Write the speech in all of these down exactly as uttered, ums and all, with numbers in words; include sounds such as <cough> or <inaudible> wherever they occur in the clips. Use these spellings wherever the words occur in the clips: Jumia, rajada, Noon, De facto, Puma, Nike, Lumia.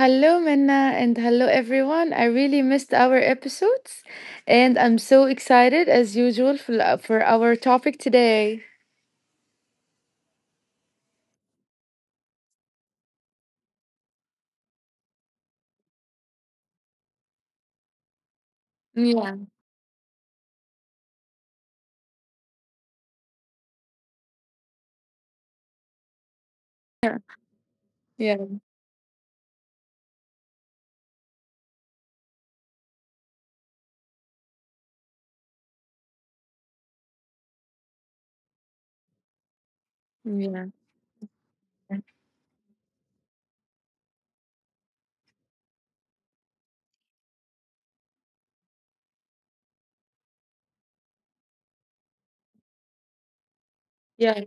Hello, Minna, and hello, everyone. I really missed our episodes, and I'm so excited as usual for, for our topic today. Yeah, yeah, yeah, yeah.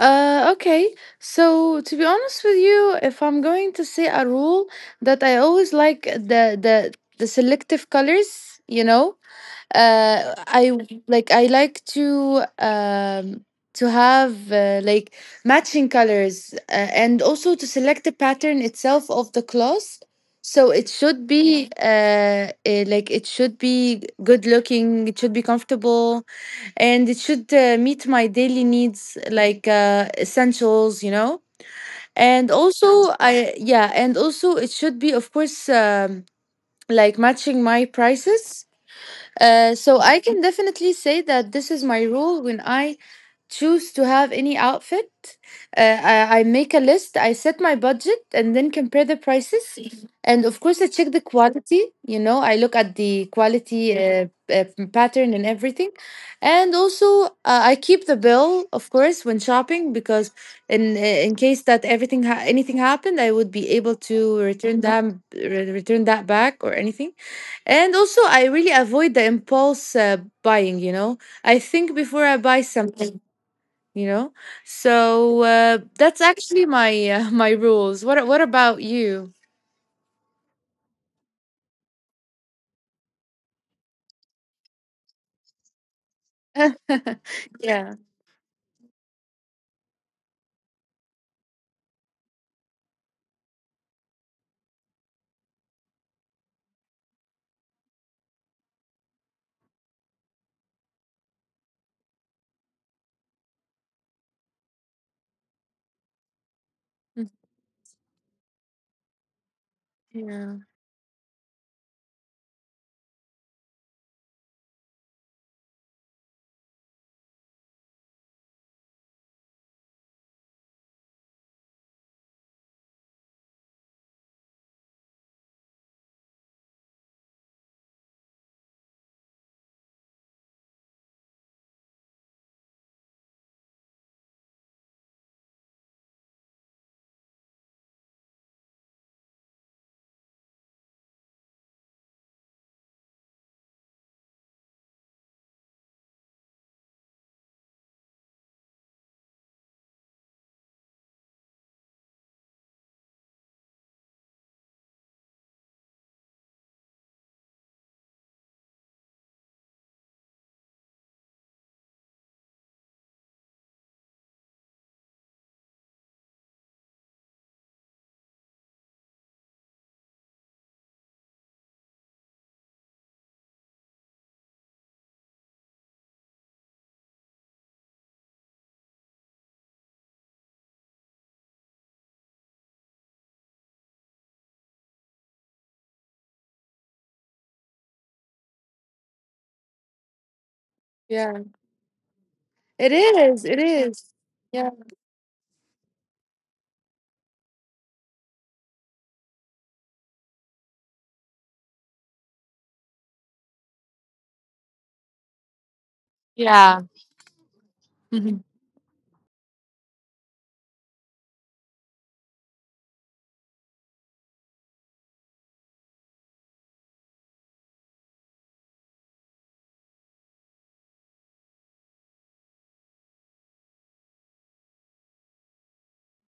Uh, okay. So to be honest with you, if I'm going to say a rule that I always like the the the selective colors, you know, uh, I w- like I like to um to have uh, like matching colors uh, and also to select the pattern itself of the cloth. So it should be uh, eh, like it should be good looking. It should be comfortable and it should uh, meet my daily needs like uh, essentials, you know, and also I yeah and also it should be, of course, um, like matching my prices, uh, so I can definitely say that this is my rule when I choose to have any outfit. Uh, I, I make a list, I set my budget, and then compare the prices. Mhm. And of course, I check the quality. You know, I look at the quality, uh, uh, pattern and everything. And also, uh, I keep the bill, of course, when shopping because in in case that everything ha- anything happened, I would be able to return that return that back or anything. And also, I really avoid the impulse uh, buying, you know. I think before I buy something, you know. So uh, that's actually my uh, <laughs> my rules. What a- what about you? <laughs> Yeah. Yeah. Yeah. It is. It is. Yeah. Yeah. Mhm.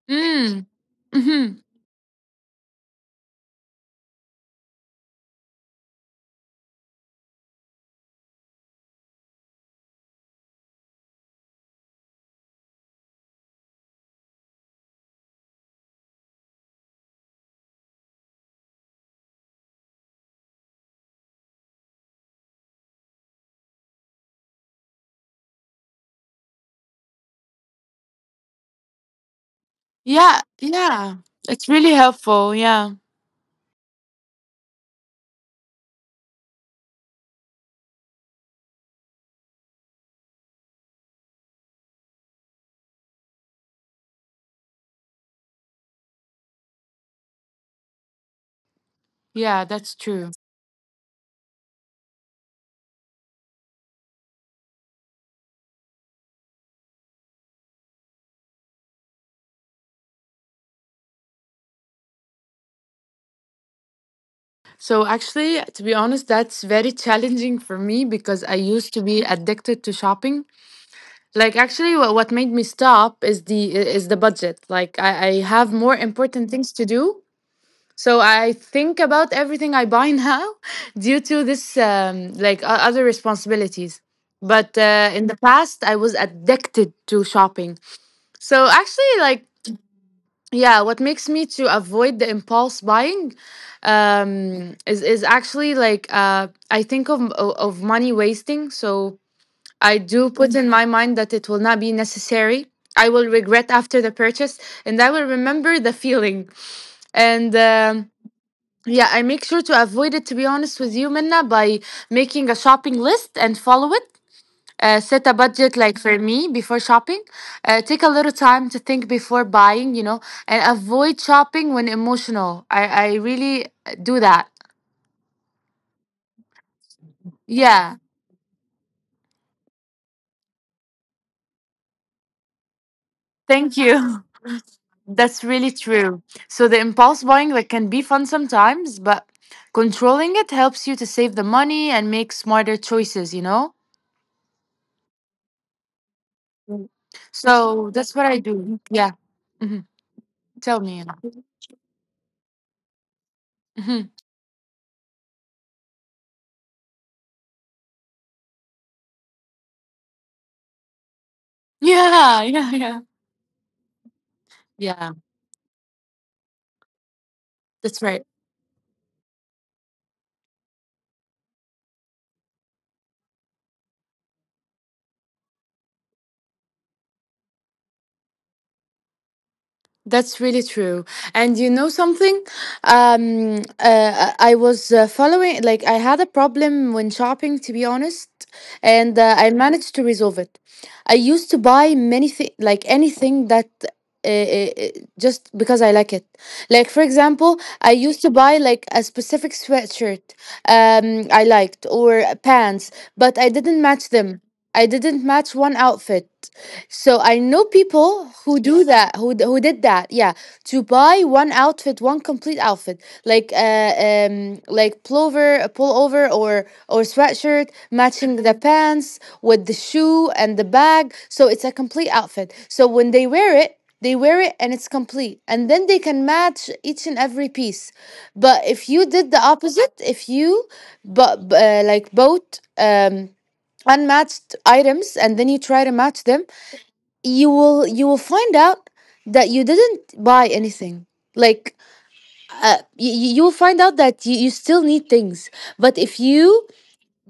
Mm. Mm-hmm. Yeah, yeah. It's really helpful. Yeah. Yeah, that's true. So actually, to be honest, that's very challenging for me because I used to be addicted to shopping. Like actually what, what made me stop is the is the budget. Like I, I have more important things to do, so I think about everything I buy now <laughs> due to this um, like o- other responsibilities. But uh, in the past I was addicted to shopping. So actually, like, yeah, what makes me to avoid the impulse buying, um, is, is actually like, uh, I think of, of money wasting. So I do put in my mind that it will not be necessary. I will regret after the purchase and I will remember the feeling. And um, yeah, I make sure to avoid it, to be honest with you, Minna, by making a shopping list and follow it. Uh, set a budget like for me before shopping. Uh, take a little time to think before buying, you know, and avoid shopping when emotional. I, I really do that. Yeah. Thank you. <laughs> That's really true. So the impulse buying like can be fun sometimes, but controlling it helps you to save the money and make smarter choices, you know? Mm. So that's what I do. Yeah. hmm Tell me. Hmm <laughs> Yeah, yeah, yeah. Yeah, that's right. That's really true. And you know something? Um, uh, I I was uh, following, like, I had a problem when shopping, to be honest, and uh, I managed to resolve it. I used to buy many thi- like anything that uh, uh, uh, just because I like it. Like, for example, I used to buy like a specific sweatshirt um, I liked or pants, but I didn't match them. I didn't match one outfit. So I know people who do that, who d- who did that, yeah, to buy one outfit, one complete outfit, like, uh, um, like pullover, a pullover, or or sweatshirt matching the pants with the shoe and the bag. So it's a complete outfit. So when they wear it, they wear it and it's complete, and then they can match each and every piece. But if you did the opposite, if you but uh, like both um unmatched items and then you try to match them, you will you will find out that you didn't buy anything, like, uh, you, you will find out that you, you still need things. But if you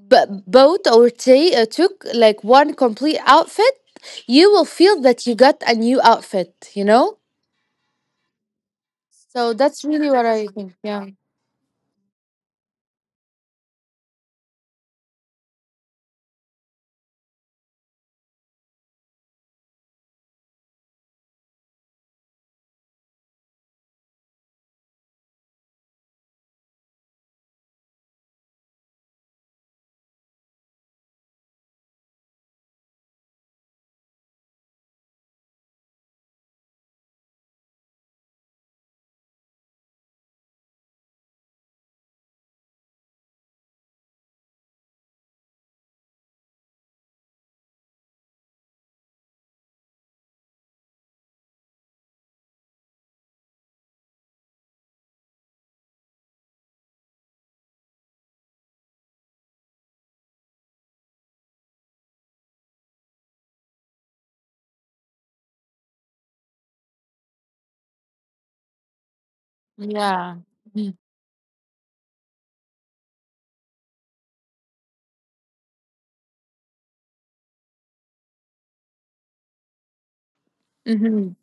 b- bought or ta- uh, took like one complete outfit, you will feel that you got a new outfit, you know? So that's really what I think. Yeah, yeah, mm-hmm.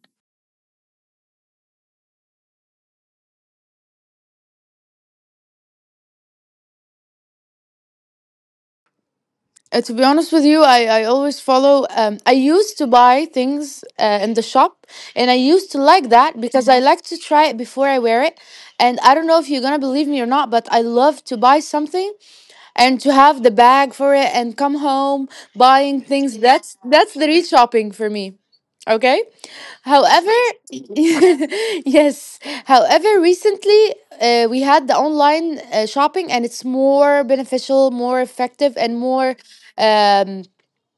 Uh, to be honest with you, I, I always follow. Um, I used to buy things uh, in the shop, and I used to like that because I— Mhm. —like to try it before I wear it. And I don't know if you're gonna believe me or not, but I love to buy something and to have the bag for it and come home buying things. That's that's the real shopping for me. Okay, however, <laughs> yes, however, recently, uh, we had the online uh, shopping and it's more beneficial, more effective, and more um,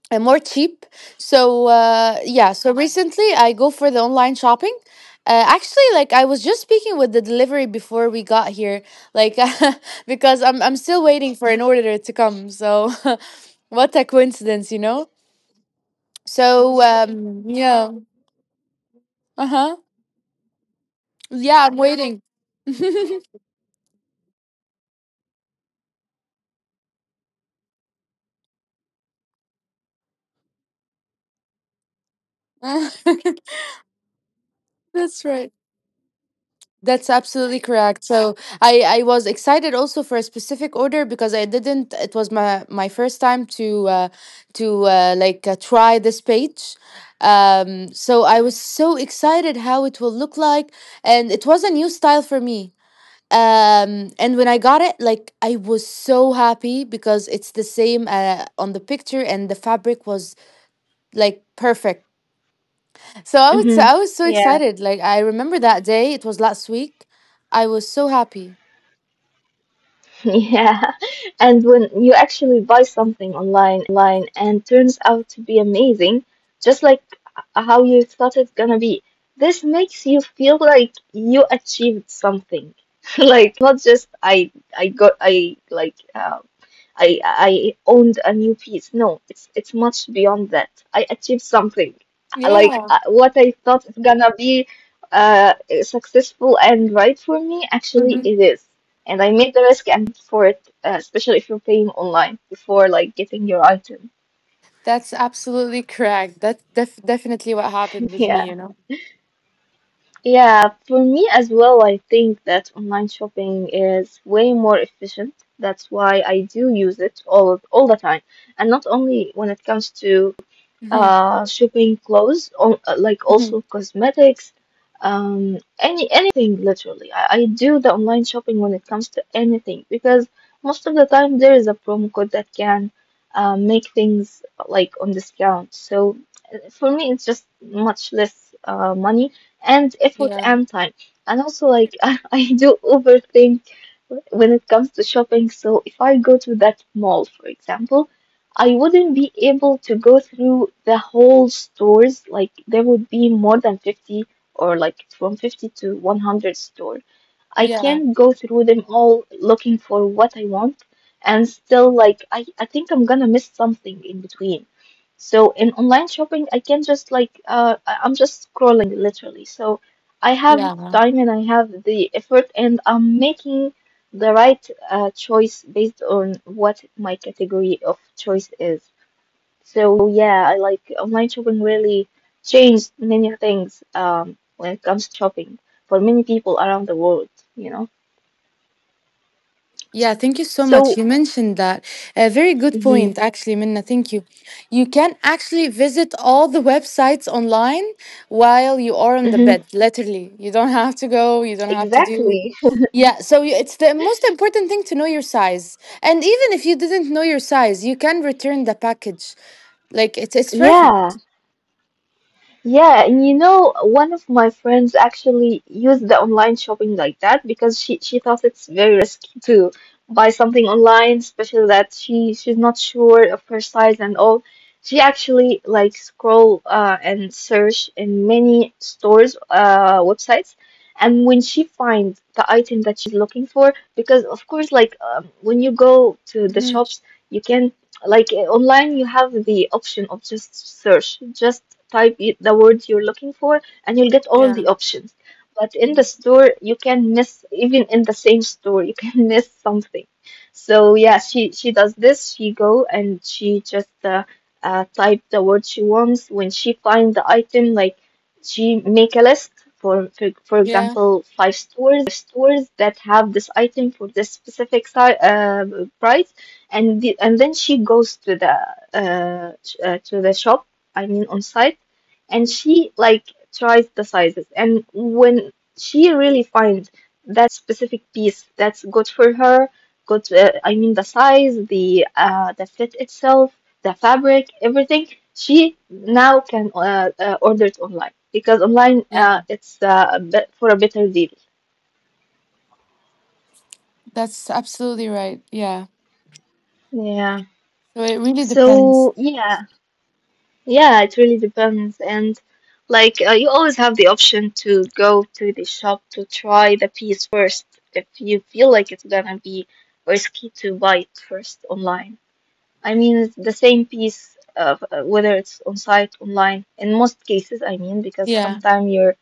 and more cheap. So uh, yeah, so recently I go for the online shopping. Uh, actually, like, I was just speaking with the delivery before we got here, like, <laughs> because I'm I'm still waiting for an order to come. So <laughs> what a coincidence, you know? So um, yeah, uh huh, yeah, I'm waiting. <laughs> That's right. That's absolutely correct. So I I was excited also for a specific order because I didn't— It was my my first time to uh, to uh, like, uh, try this page. Um, so I was so excited how it will look like, and it was a new style for me. Um, and when I got it, like, I was so happy because it's the same uh, on the picture, and the fabric was like perfect. So I would say Mm-hmm. I was so Yeah. <laughs> excited. Like, I remember that day. It was last week. I was so happy. Yeah. And when you actually buy something online and turns out to be amazing, just like how you thought it's gonna be, this makes you feel like you achieved something. <laughs> Like it's not just I I got I like uh, I I owned a new piece. No, it's it's much beyond that. I achieved something, like Yeah. uh, what I thought is gonna be uh successful and right for me. Actually, hmm it is, and I made the risk and paid for it. Uh, especially if you're paying online before like getting your item. That's absolutely correct. That's def- definitely what happened <laughs> with Yeah. me. You know. Yeah, for me as well, I think that online shopping is way more efficient. That's why I do use it all all the time, and not only when it comes to Hmm uh shopping clothes, on, uh, like also hmm cosmetics, um any anything literally. I, I do the online shopping when it comes to anything, because most of the time there is a promo code that can uh, make things like on discount. So uh, for me, it's just much less uh, money and effort Yeah. and time. And also, like, <laughs> I I do overthink when it comes to shopping. So, if I go to that mall, for example, I wouldn't be able to go through the whole stores. Like, there would be more than fifty, or like from fifty to one hundred stores. I Yeah. can't go through them all looking for what I want, and still like I, I think I'm gonna miss something in between. So in online shopping, I can just like uh I- I'm just scrolling literally. So I have Yeah. time and I have the effort, and I'm making the right uh, choice based on what my category of choice is. So yeah, I like online shopping really changed many things um, when it comes to shopping for many people around the world, you know. Yeah, thank you so much. So, You mentioned that. A very good hmm point, actually, Minna. Thank you. You can actually visit all the websites online while you are on the hmm bed, literally. You don't have to go, you don't have to do. exactly. Yeah, so you- it's the most important thing to know your size. And even if you didn't know your size, you can return the package. Like, it's, it's <laughs> perfect. Yeah. Yeah, and you know, one of my friends actually used the online shopping like that, because she she thought it's very risky to buy something online, especially that she she's not sure of her size and all. She actually like scroll uh and search in many stores uh websites, and when she finds the item that she's looking for, because of course like um, when you go to the Mhm. shops, you can like uh, online you have the option of just search, just type i- the word you're looking for and you'll get all the Yeah. options, but in the Mhm. store you can miss, even in the same store you can <laughs> miss something. So yeah, she she does this. She go and she just uh, uh, type the word she wants. When she find the item, like she make a list for for, for Yeah. example five stores that have this item for this specific si- uh, price, and the, and then she goes to the uh, sh- uh to the shop, I mean on site, and she like tries the sizes. And when she really finds that specific piece that's good for her, good uh, I mean the size, the uh the fit itself, the fabric, everything, she now can uh, uh, order it online, because online Yeah. uh, it's uh, a bit for a better deal. That's absolutely right. Yeah. Yeah. So it really depends. So yeah. Yeah, it really depends. And like uh, you always have the option to go to the shop to try the piece first if you feel like it's gonna be risky to buy it first online. I mean, it's the same piece of uh, whether it's on site, online, in most cases, I mean, because Yeah. sometimes you're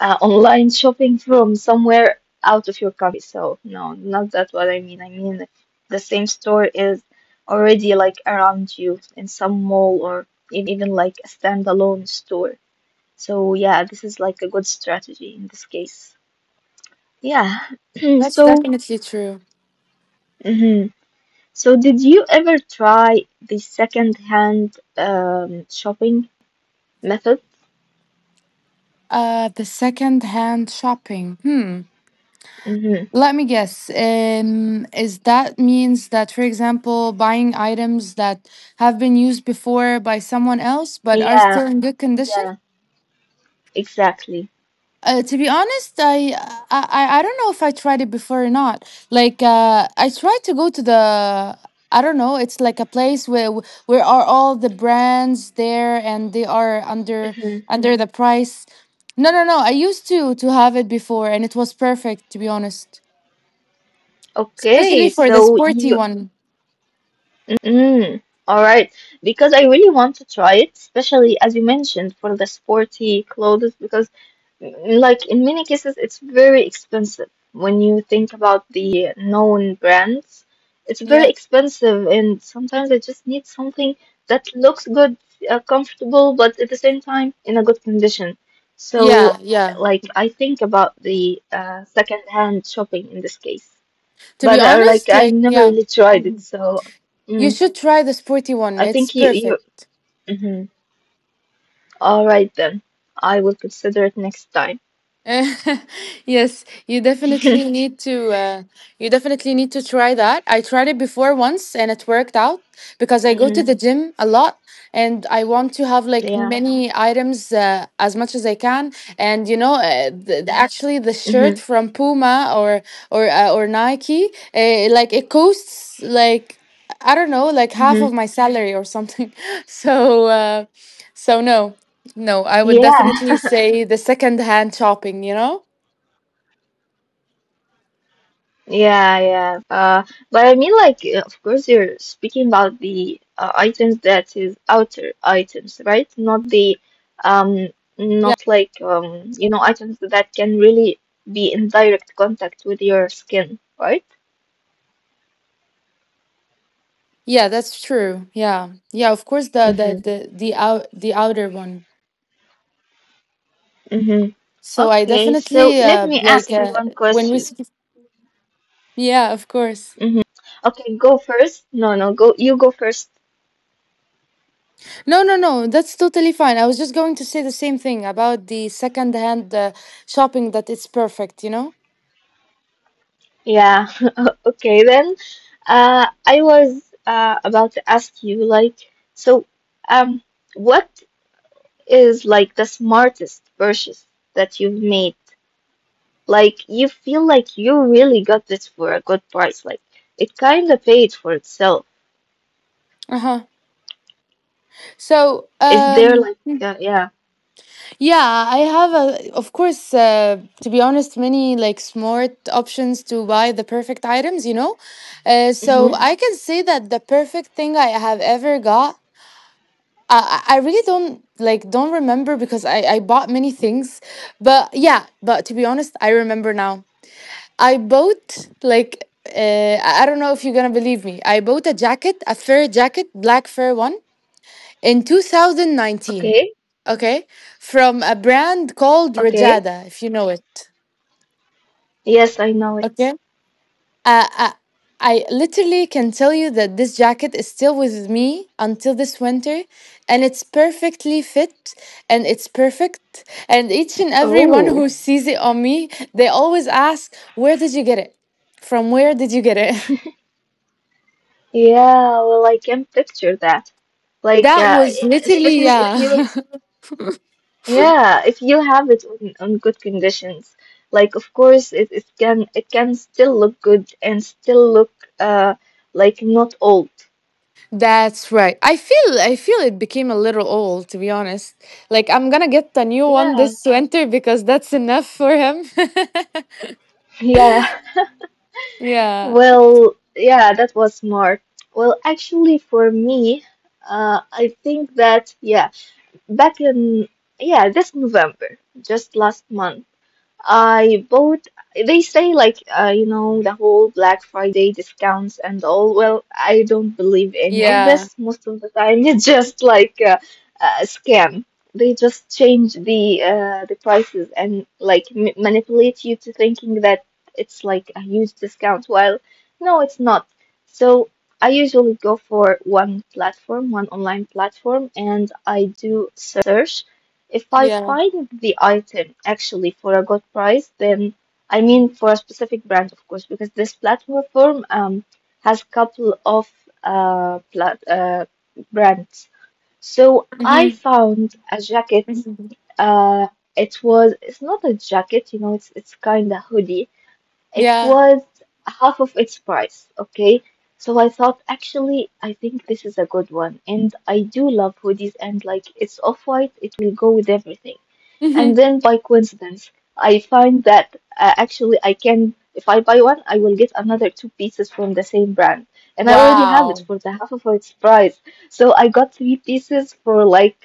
uh, online shopping from somewhere out of your country. So no, not that what I mean. I mean the same store is already like around you in some mall, or even like a standalone store. So yeah, this is like a good strategy in this case. Yeah. Mm, That's so definitely true. mhm. so did you ever try the second-hand um, shopping method? Uh, the second hand shopping. Hmm. Mm-hmm. Let me guess. Um, is that means that, for example, buying items that have been used before by someone else but are Yeah. still in good condition? Yeah. Exactly. Uh, to be honest, I, I I I don't know if I tried it before or not. Like, uh, I tried to go to the— I don't know. It's like a place where where are all the brands there, and they are under Mhm. under the price. No, no, no. I used to to have it before, and it was perfect. To be honest, especially Okay, for the so sporty you one. Mm, all right. Because I really want to try it, especially as you mentioned for the sporty clothes, because mm, like in many cases it's very expensive. When you think about the known brands, it's very Yeah, expensive, and sometimes I just need something that looks good, uh, comfortable, but at the same time in a good condition. yeah, So, yeah. like I think about the uh, second-hand shopping in this case, To but be uh, like honest, I like, never yeah, really tried it, so. you Mm. should try the sporty one. I It's think you you. perfect. Mm-hmm. All right then. I will consider it next time. <laughs> Yes, you definitely <laughs> need to. Uh, you definitely need to try that. I tried it before once, and it worked out because I go to Mm-hmm. the gym a lot, and I want to have like Yeah. many items uh, as much as I can. And you know, uh, the, the- actually, the shirt Mm-hmm. from Puma or or uh, or Nike, uh, like, it costs like, I don't know, like half of Mm-hmm. my salary or something. <laughs> So, uh, so no. No, I would Yeah. definitely say the second hand shopping, you know? Yeah. Yeah. Of course. Uh, but I mean, like, uh, of course, you're speaking about the uh, items that is outer items, right? Not the um, Yeah. not like um, you know, items that can really be in direct contact with your skin, right? Yeah, that's true. Yeah. Yeah, of course the Mm-hmm. the the, the out the outer one. Mm-hmm. So I Okay, so definitely let uh me like, ask you uh, one when we question. sp- yeah, of course. Mm-hmm. Okay, go first. No, no, go. You go first. No, no, no, that's totally fine. I was just going to say the same thing about the second hand uh, shopping, that it's perfect, you know? Yeah. <laughs> Okay then. Uh, I was uh about to ask you, like so um what is like the smartest purchase that you've made? Like you feel like you really got this for a good price, like it kind of paid for itself. Uh-huh. So, Is there um like uh, yeah. yeah, I have a, of course, uh, to be honest, many like smart options to buy the perfect items, you know? Uh, so Mm-hmm. Mhm. I can say that the perfect thing I have ever got, I, I I really don't— like, don't remember because I, I bought many things. But yeah, but to be honest, I remember now. I bought like, uh, I I don't know if you're gonna believe me. I bought a jacket, a fur jacket, black fur one in two thousand nineteen, Okay. okay, from a brand called Okay. Rajada, if you know it. Yes, I know it. Okay, uh, uh, I literally can tell you that this jacket is still with me until this winter, and it's perfectly fit and it's perfect. And each and everyone Oh, who sees it on me, they always ask, where did you get it from? Where did you get it? yeah. Well, I can picture that. <laughs> Like, That uh, was literally, especially if you, yeah. <laughs> yeah, if you have it on, on good conditions. Like, of course, it, it can it can still look good and still look uh like not old. That's right. I feel— I feel it became a little old, to be honest. Like, I'm going to get a new one Yeah, this winter because that's enough for him. yeah. <laughs> <laughs> Yeah. Well, yeah, that was smart. Well, actually, for me, uh, I think that yeah, back in yeah this November, just last month. I bought, they say like, uh, you know, the whole Black Friday discounts and all. Well, I don't believe any of Yeah. this. Most of the time, <laughs> it's just like uh, a scam. They just change the uh, the prices and like m manipulate you to thinking that it's like a huge discount, while no, it's not. So I usually go for one platform, one online platform, and I do search. If I Yeah. find the item actually for a good price, then I mean for a specific brand, of course, because this platform um, has couple of uh, plat uh, brands. So I Mhm. found a jacket. Mhm. Uh, it was it's not a jacket, you know, it's it's kind of hoodie. It Yeah. was half of its price, okay? So I thought, actually, I think this is a good one. And I do love hoodies, and like it's off-white, it will go with everything. And Mhm. then by coincidence, I find that uh, actually I can, if I buy one, I will get another two pieces from the same brand. And I already have it Wow. for the half of its price. So I got three pieces for like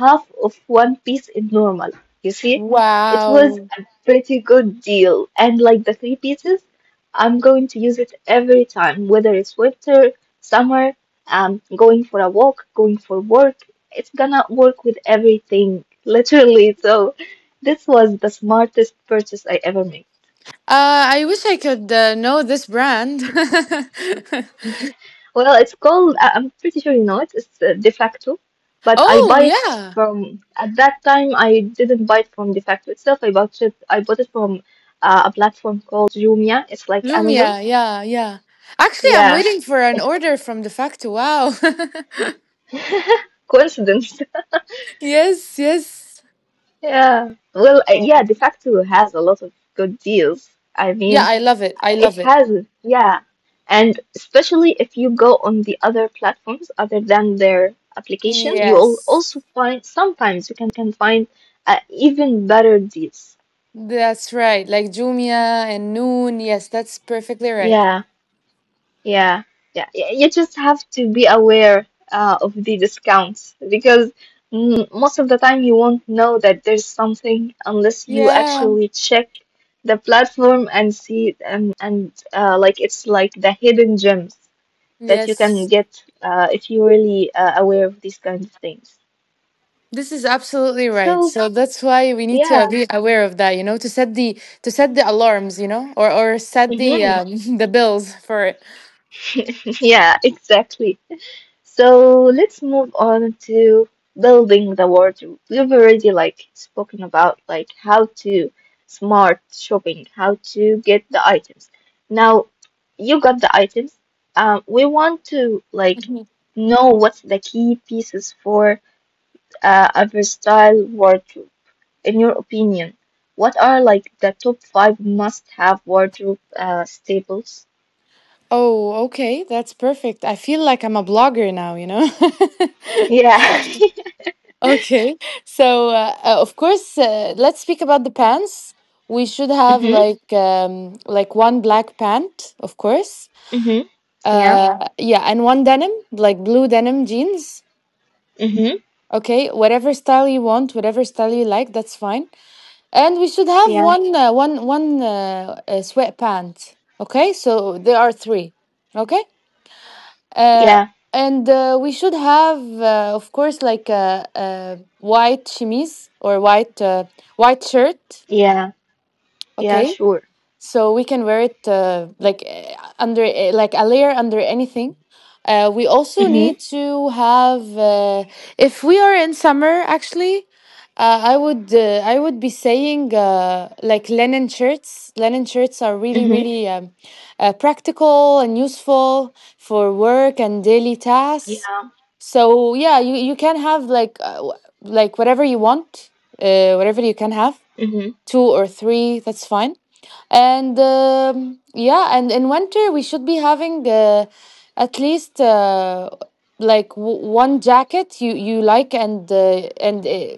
half of one piece in normal. You see, it was Wow. a pretty good deal. And like the three pieces, I'm going to use it every time, whether it's winter, summer, um, going for a walk, going for work. It's gonna work with everything, literally. So this was the smartest purchase I ever made. Uh I wish I could uh, know this brand. <laughs> Well, it's called, I- I'm pretty sure you know it, it's uh, De facto, but I Oh, buy it yeah. from, at that time, I didn't buy it from De facto itself. I bought it, I bought it from uh, a platform called Jumia. It's like Amazon. Lumia. Yeah, yeah. Actually, I'm Yeah. waiting for an It, order from the factory. Wow. <laughs> coincidence. <laughs> Yes, yes. Yeah. Well, uh, yeah, De facto has a lot of good deals. I Yeah, mean, I love it. I it love it. has, yeah. And especially if you go on the other platforms other than their application, you'll Yes. also find, sometimes you can find uh, even better deals. That's right. Like Jumia and Noon. Yes, that's perfectly right. Yeah, yeah, yeah. Y- You just have to be aware uh, of the discounts, because mm, most of the time you won't know that there's something unless you Yeah. actually check the platform and see, and and uh, like it's like the hidden gems that you can Yes. get uh, if you're really uh, aware of these kinds of things. This is absolutely right. So, So that's why we need yeah, to be aware of that, you know, to set the to set the alarms, you know, or or set the hmm um, <laughs> the bills for it. <laughs> yeah, exactly. So, let's move on to building the wardrobe. We've already like spoken about like how to smart shopping, how to get the items. Now, you got the items. Um, we want to like Mhm. know what's the key pieces for uh, a versatile wardrobe. In your opinion, what are like the top five must-have wardrobe uh, staples? Oh, okay. That's perfect. I feel like I'm a blogger now, you know. <laughs> Yeah. <laughs> Okay, so uh, uh, of course, uh, let's speak about the pants. We should have Mm-hmm. like um, like one black pant, of course. Mm-hmm. Yeah. Uh, yeah, and one denim, like blue denim jeans. Mm-hmm. Okay, whatever style you want, whatever style you like, that's fine. And we should have Yeah. one uh, one one uh, uh, sweatpant. Okay, so there are three. Okay. uh, Yeah. and uh, we should have uh, of course like a, a white chemise or white uh, white shirt, Yeah. Yeah. okay, Sure. so we can wear it uh, like eh, under eh, like a layer under anything. Uh, we also Mm-hmm. need to have uh, if we are in summer. Actually, uh, i would uh, I would be saying uh, like linen shirts. Linen shirts are really Mm-hmm. really um, uh, practical and useful for work and daily tasks. Yeah. So yeah, you, you can have like uh, w- like whatever you want, uh, whatever. You can have Mm-hmm. two or three, that's fine. And um, yeah, and in winter we should be having uh, at least uh, like w- one jacket you you like and uh, and uh,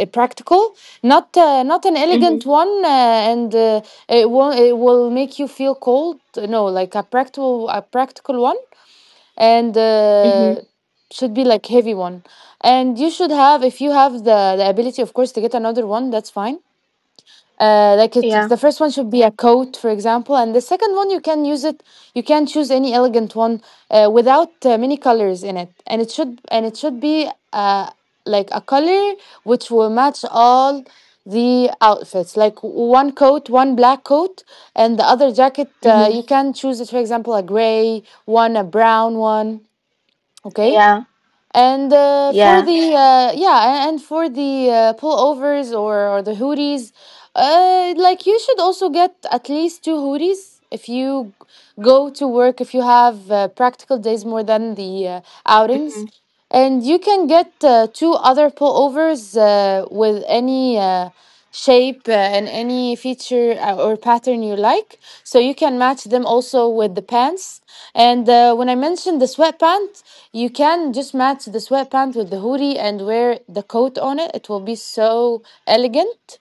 uh, practical, not uh, not an elegant Mm-hmm. one, uh, and uh, it will it will make you feel cold. No, like a practical, a practical one, and Mm-hmm. uh, should be like heavy one. And you should have, if you have the the ability of course to get another one, that's fine. Uh, like it, Yeah. the first one should be a coat, for example, and the second one you can use it, you can choose any elegant one, uh, without uh, many colors in it, and it should and it should be uh, like a color which will match all the outfits. Like one coat, one black coat, and the other jacket, uh, Mm-hmm. you can choose it, for example, a gray one, a brown one. Okay. Yeah. And uh, for Yeah. the uh, yeah, and for the uh, pullovers or or the hoodies, uh, like you should also get at least two hoodies if you go to work, if you have uh, practical days more than the uh, outings, Mm-hmm. and you can get uh, two other pullovers uh, with any. Uh, shape uh, and any feature uh, or pattern you like, so you can match them also with the pants. And uh, when I mentioned the sweatpants, you can just match the sweatpants with the hoodie and wear the coat on it. It will be so elegant.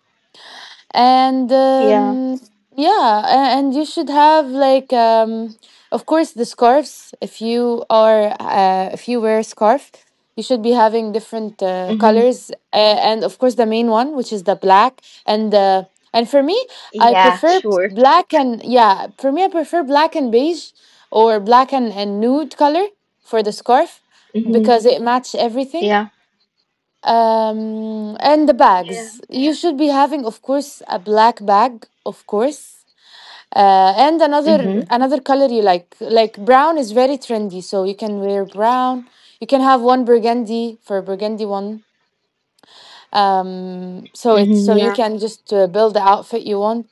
And Yeah. um, yeah, a- and you should have like um, of course the scarves. If you are uh, if you wear a scarf, you should be having different uh, Mm-hmm. colors, uh, and of course the main one, which is the black. And uh, and for me, I Yeah. prefer Sure. black. And yeah, for me, I prefer black and beige, or black and, and nude color for the scarf, Mm-hmm. because it match everything. Yeah. Um, and the bags, Yeah. you should be having of course a black bag, of course, uh and another, Mm-hmm. another color you like like brown is very trendy, so you can wear brown. You can have one burgundy, for a burgundy one. Um, so it, Mm-hmm. so you Yeah. can just uh, build the outfit you want.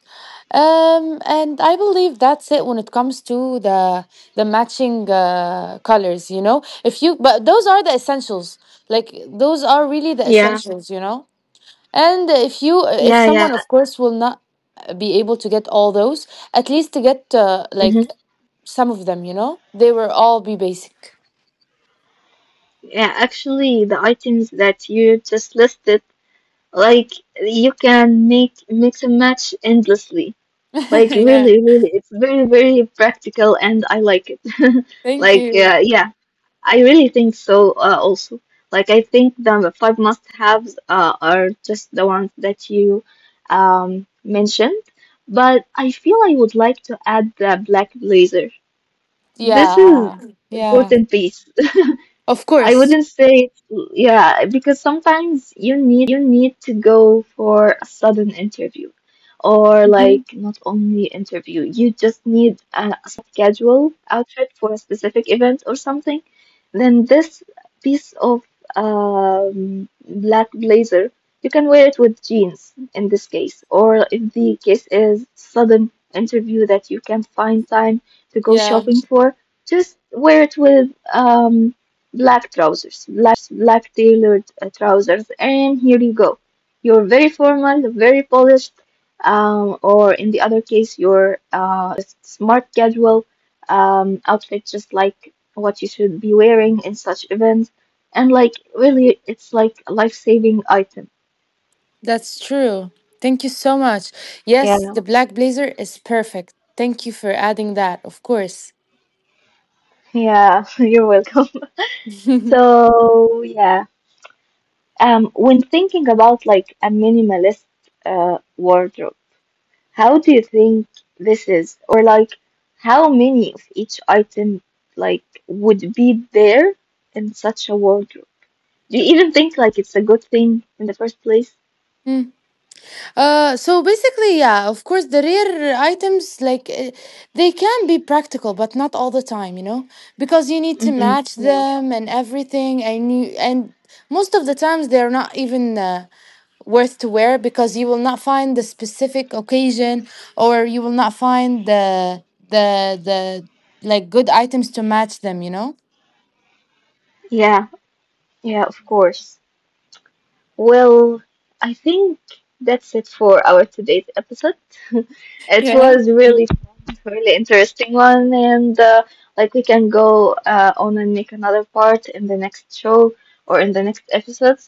Um, and I believe that's it when it comes to the the matching uh colors, you know. If you, but those are the essentials, like those are really the Yeah. essentials, you know. And if you, if Yeah. Yeah. someone, of course, will not be able to get all those, at least to get uh, like Mm-hmm. some of them, you know, they will all be basic. Yeah. Actually, the items that you just listed, like you can make mix and match endlessly. <laughs> Like Yeah, really, really, it's very, very practical, and I like it. <laughs> thank Like you. uh, yeah, I really think so. Uh, also, like I think the five must-haves uh, are just the ones that you um, mentioned, but I feel I would like to add the black blazer. This is Yeah, yeah, important piece. of I course. wouldn't say, yeah, because sometimes you need to go for a sudden interview, or Mhm. like not only interview, you just need a, a smart casual outfit for a specific event or something. Then this piece of um, black blazer, you can wear it with jeans in this case, or if the case is sudden interview that you can't find time to go Yeah, shopping for, just wear it with um black trousers, black tailored uh, trousers, and here you go. You're very formal, very polished, um, or in the other case, you're uh, just smart casual um, outfit, just like what you should be wearing in such events. And like, really, it's like a life-saving item, that's true. Thank you so much. you Yes, know? the black blazer is perfect. Thank you for adding that, of course. Yeah, <laughs> you're welcome. <laughs> So yeah, um, when thinking about like a minimalist uh, wardrobe, how do you think this is? Or like how many of each item like would be there in such a wardrobe? Do you even think like it's a good thing in the first place? Mhm. Uh, so basically, yeah, of course, the rare items, like uh, they can be practical, but not all the time, you know, because you need to hmm match Yeah. them and everything, and you, and most of the times they're not even uh, worth to wear, because you will not find the specific occasion or you will not find the the the like good items to match them, you know. Yeah, yeah, of course. Well, I think that's it for our today's episode. <laughs> It Yeah. was really fun, really interesting one, and uh, like we can go uh, on and make another part in the next show or in the next episodes.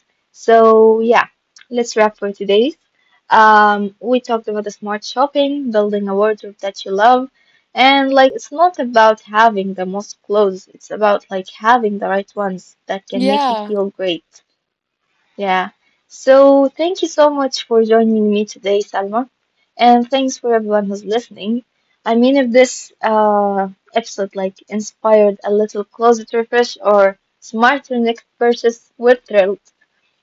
So yeah, let's wrap for today's. Um, we talked about the smart shopping, building a wardrobe that you love, and like it's not about having the most clothes. It's about like having the right ones that can make you Yeah. feel great. Yeah. So thank you so much for joining me today, Salma. And thanks for everyone who's listening. I mean, if this uh, episode like inspired a little closet refresh or smarter next purchase, we're thrilled.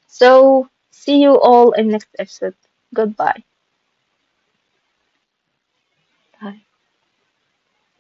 So see you all in next episode. Goodbye. Bye.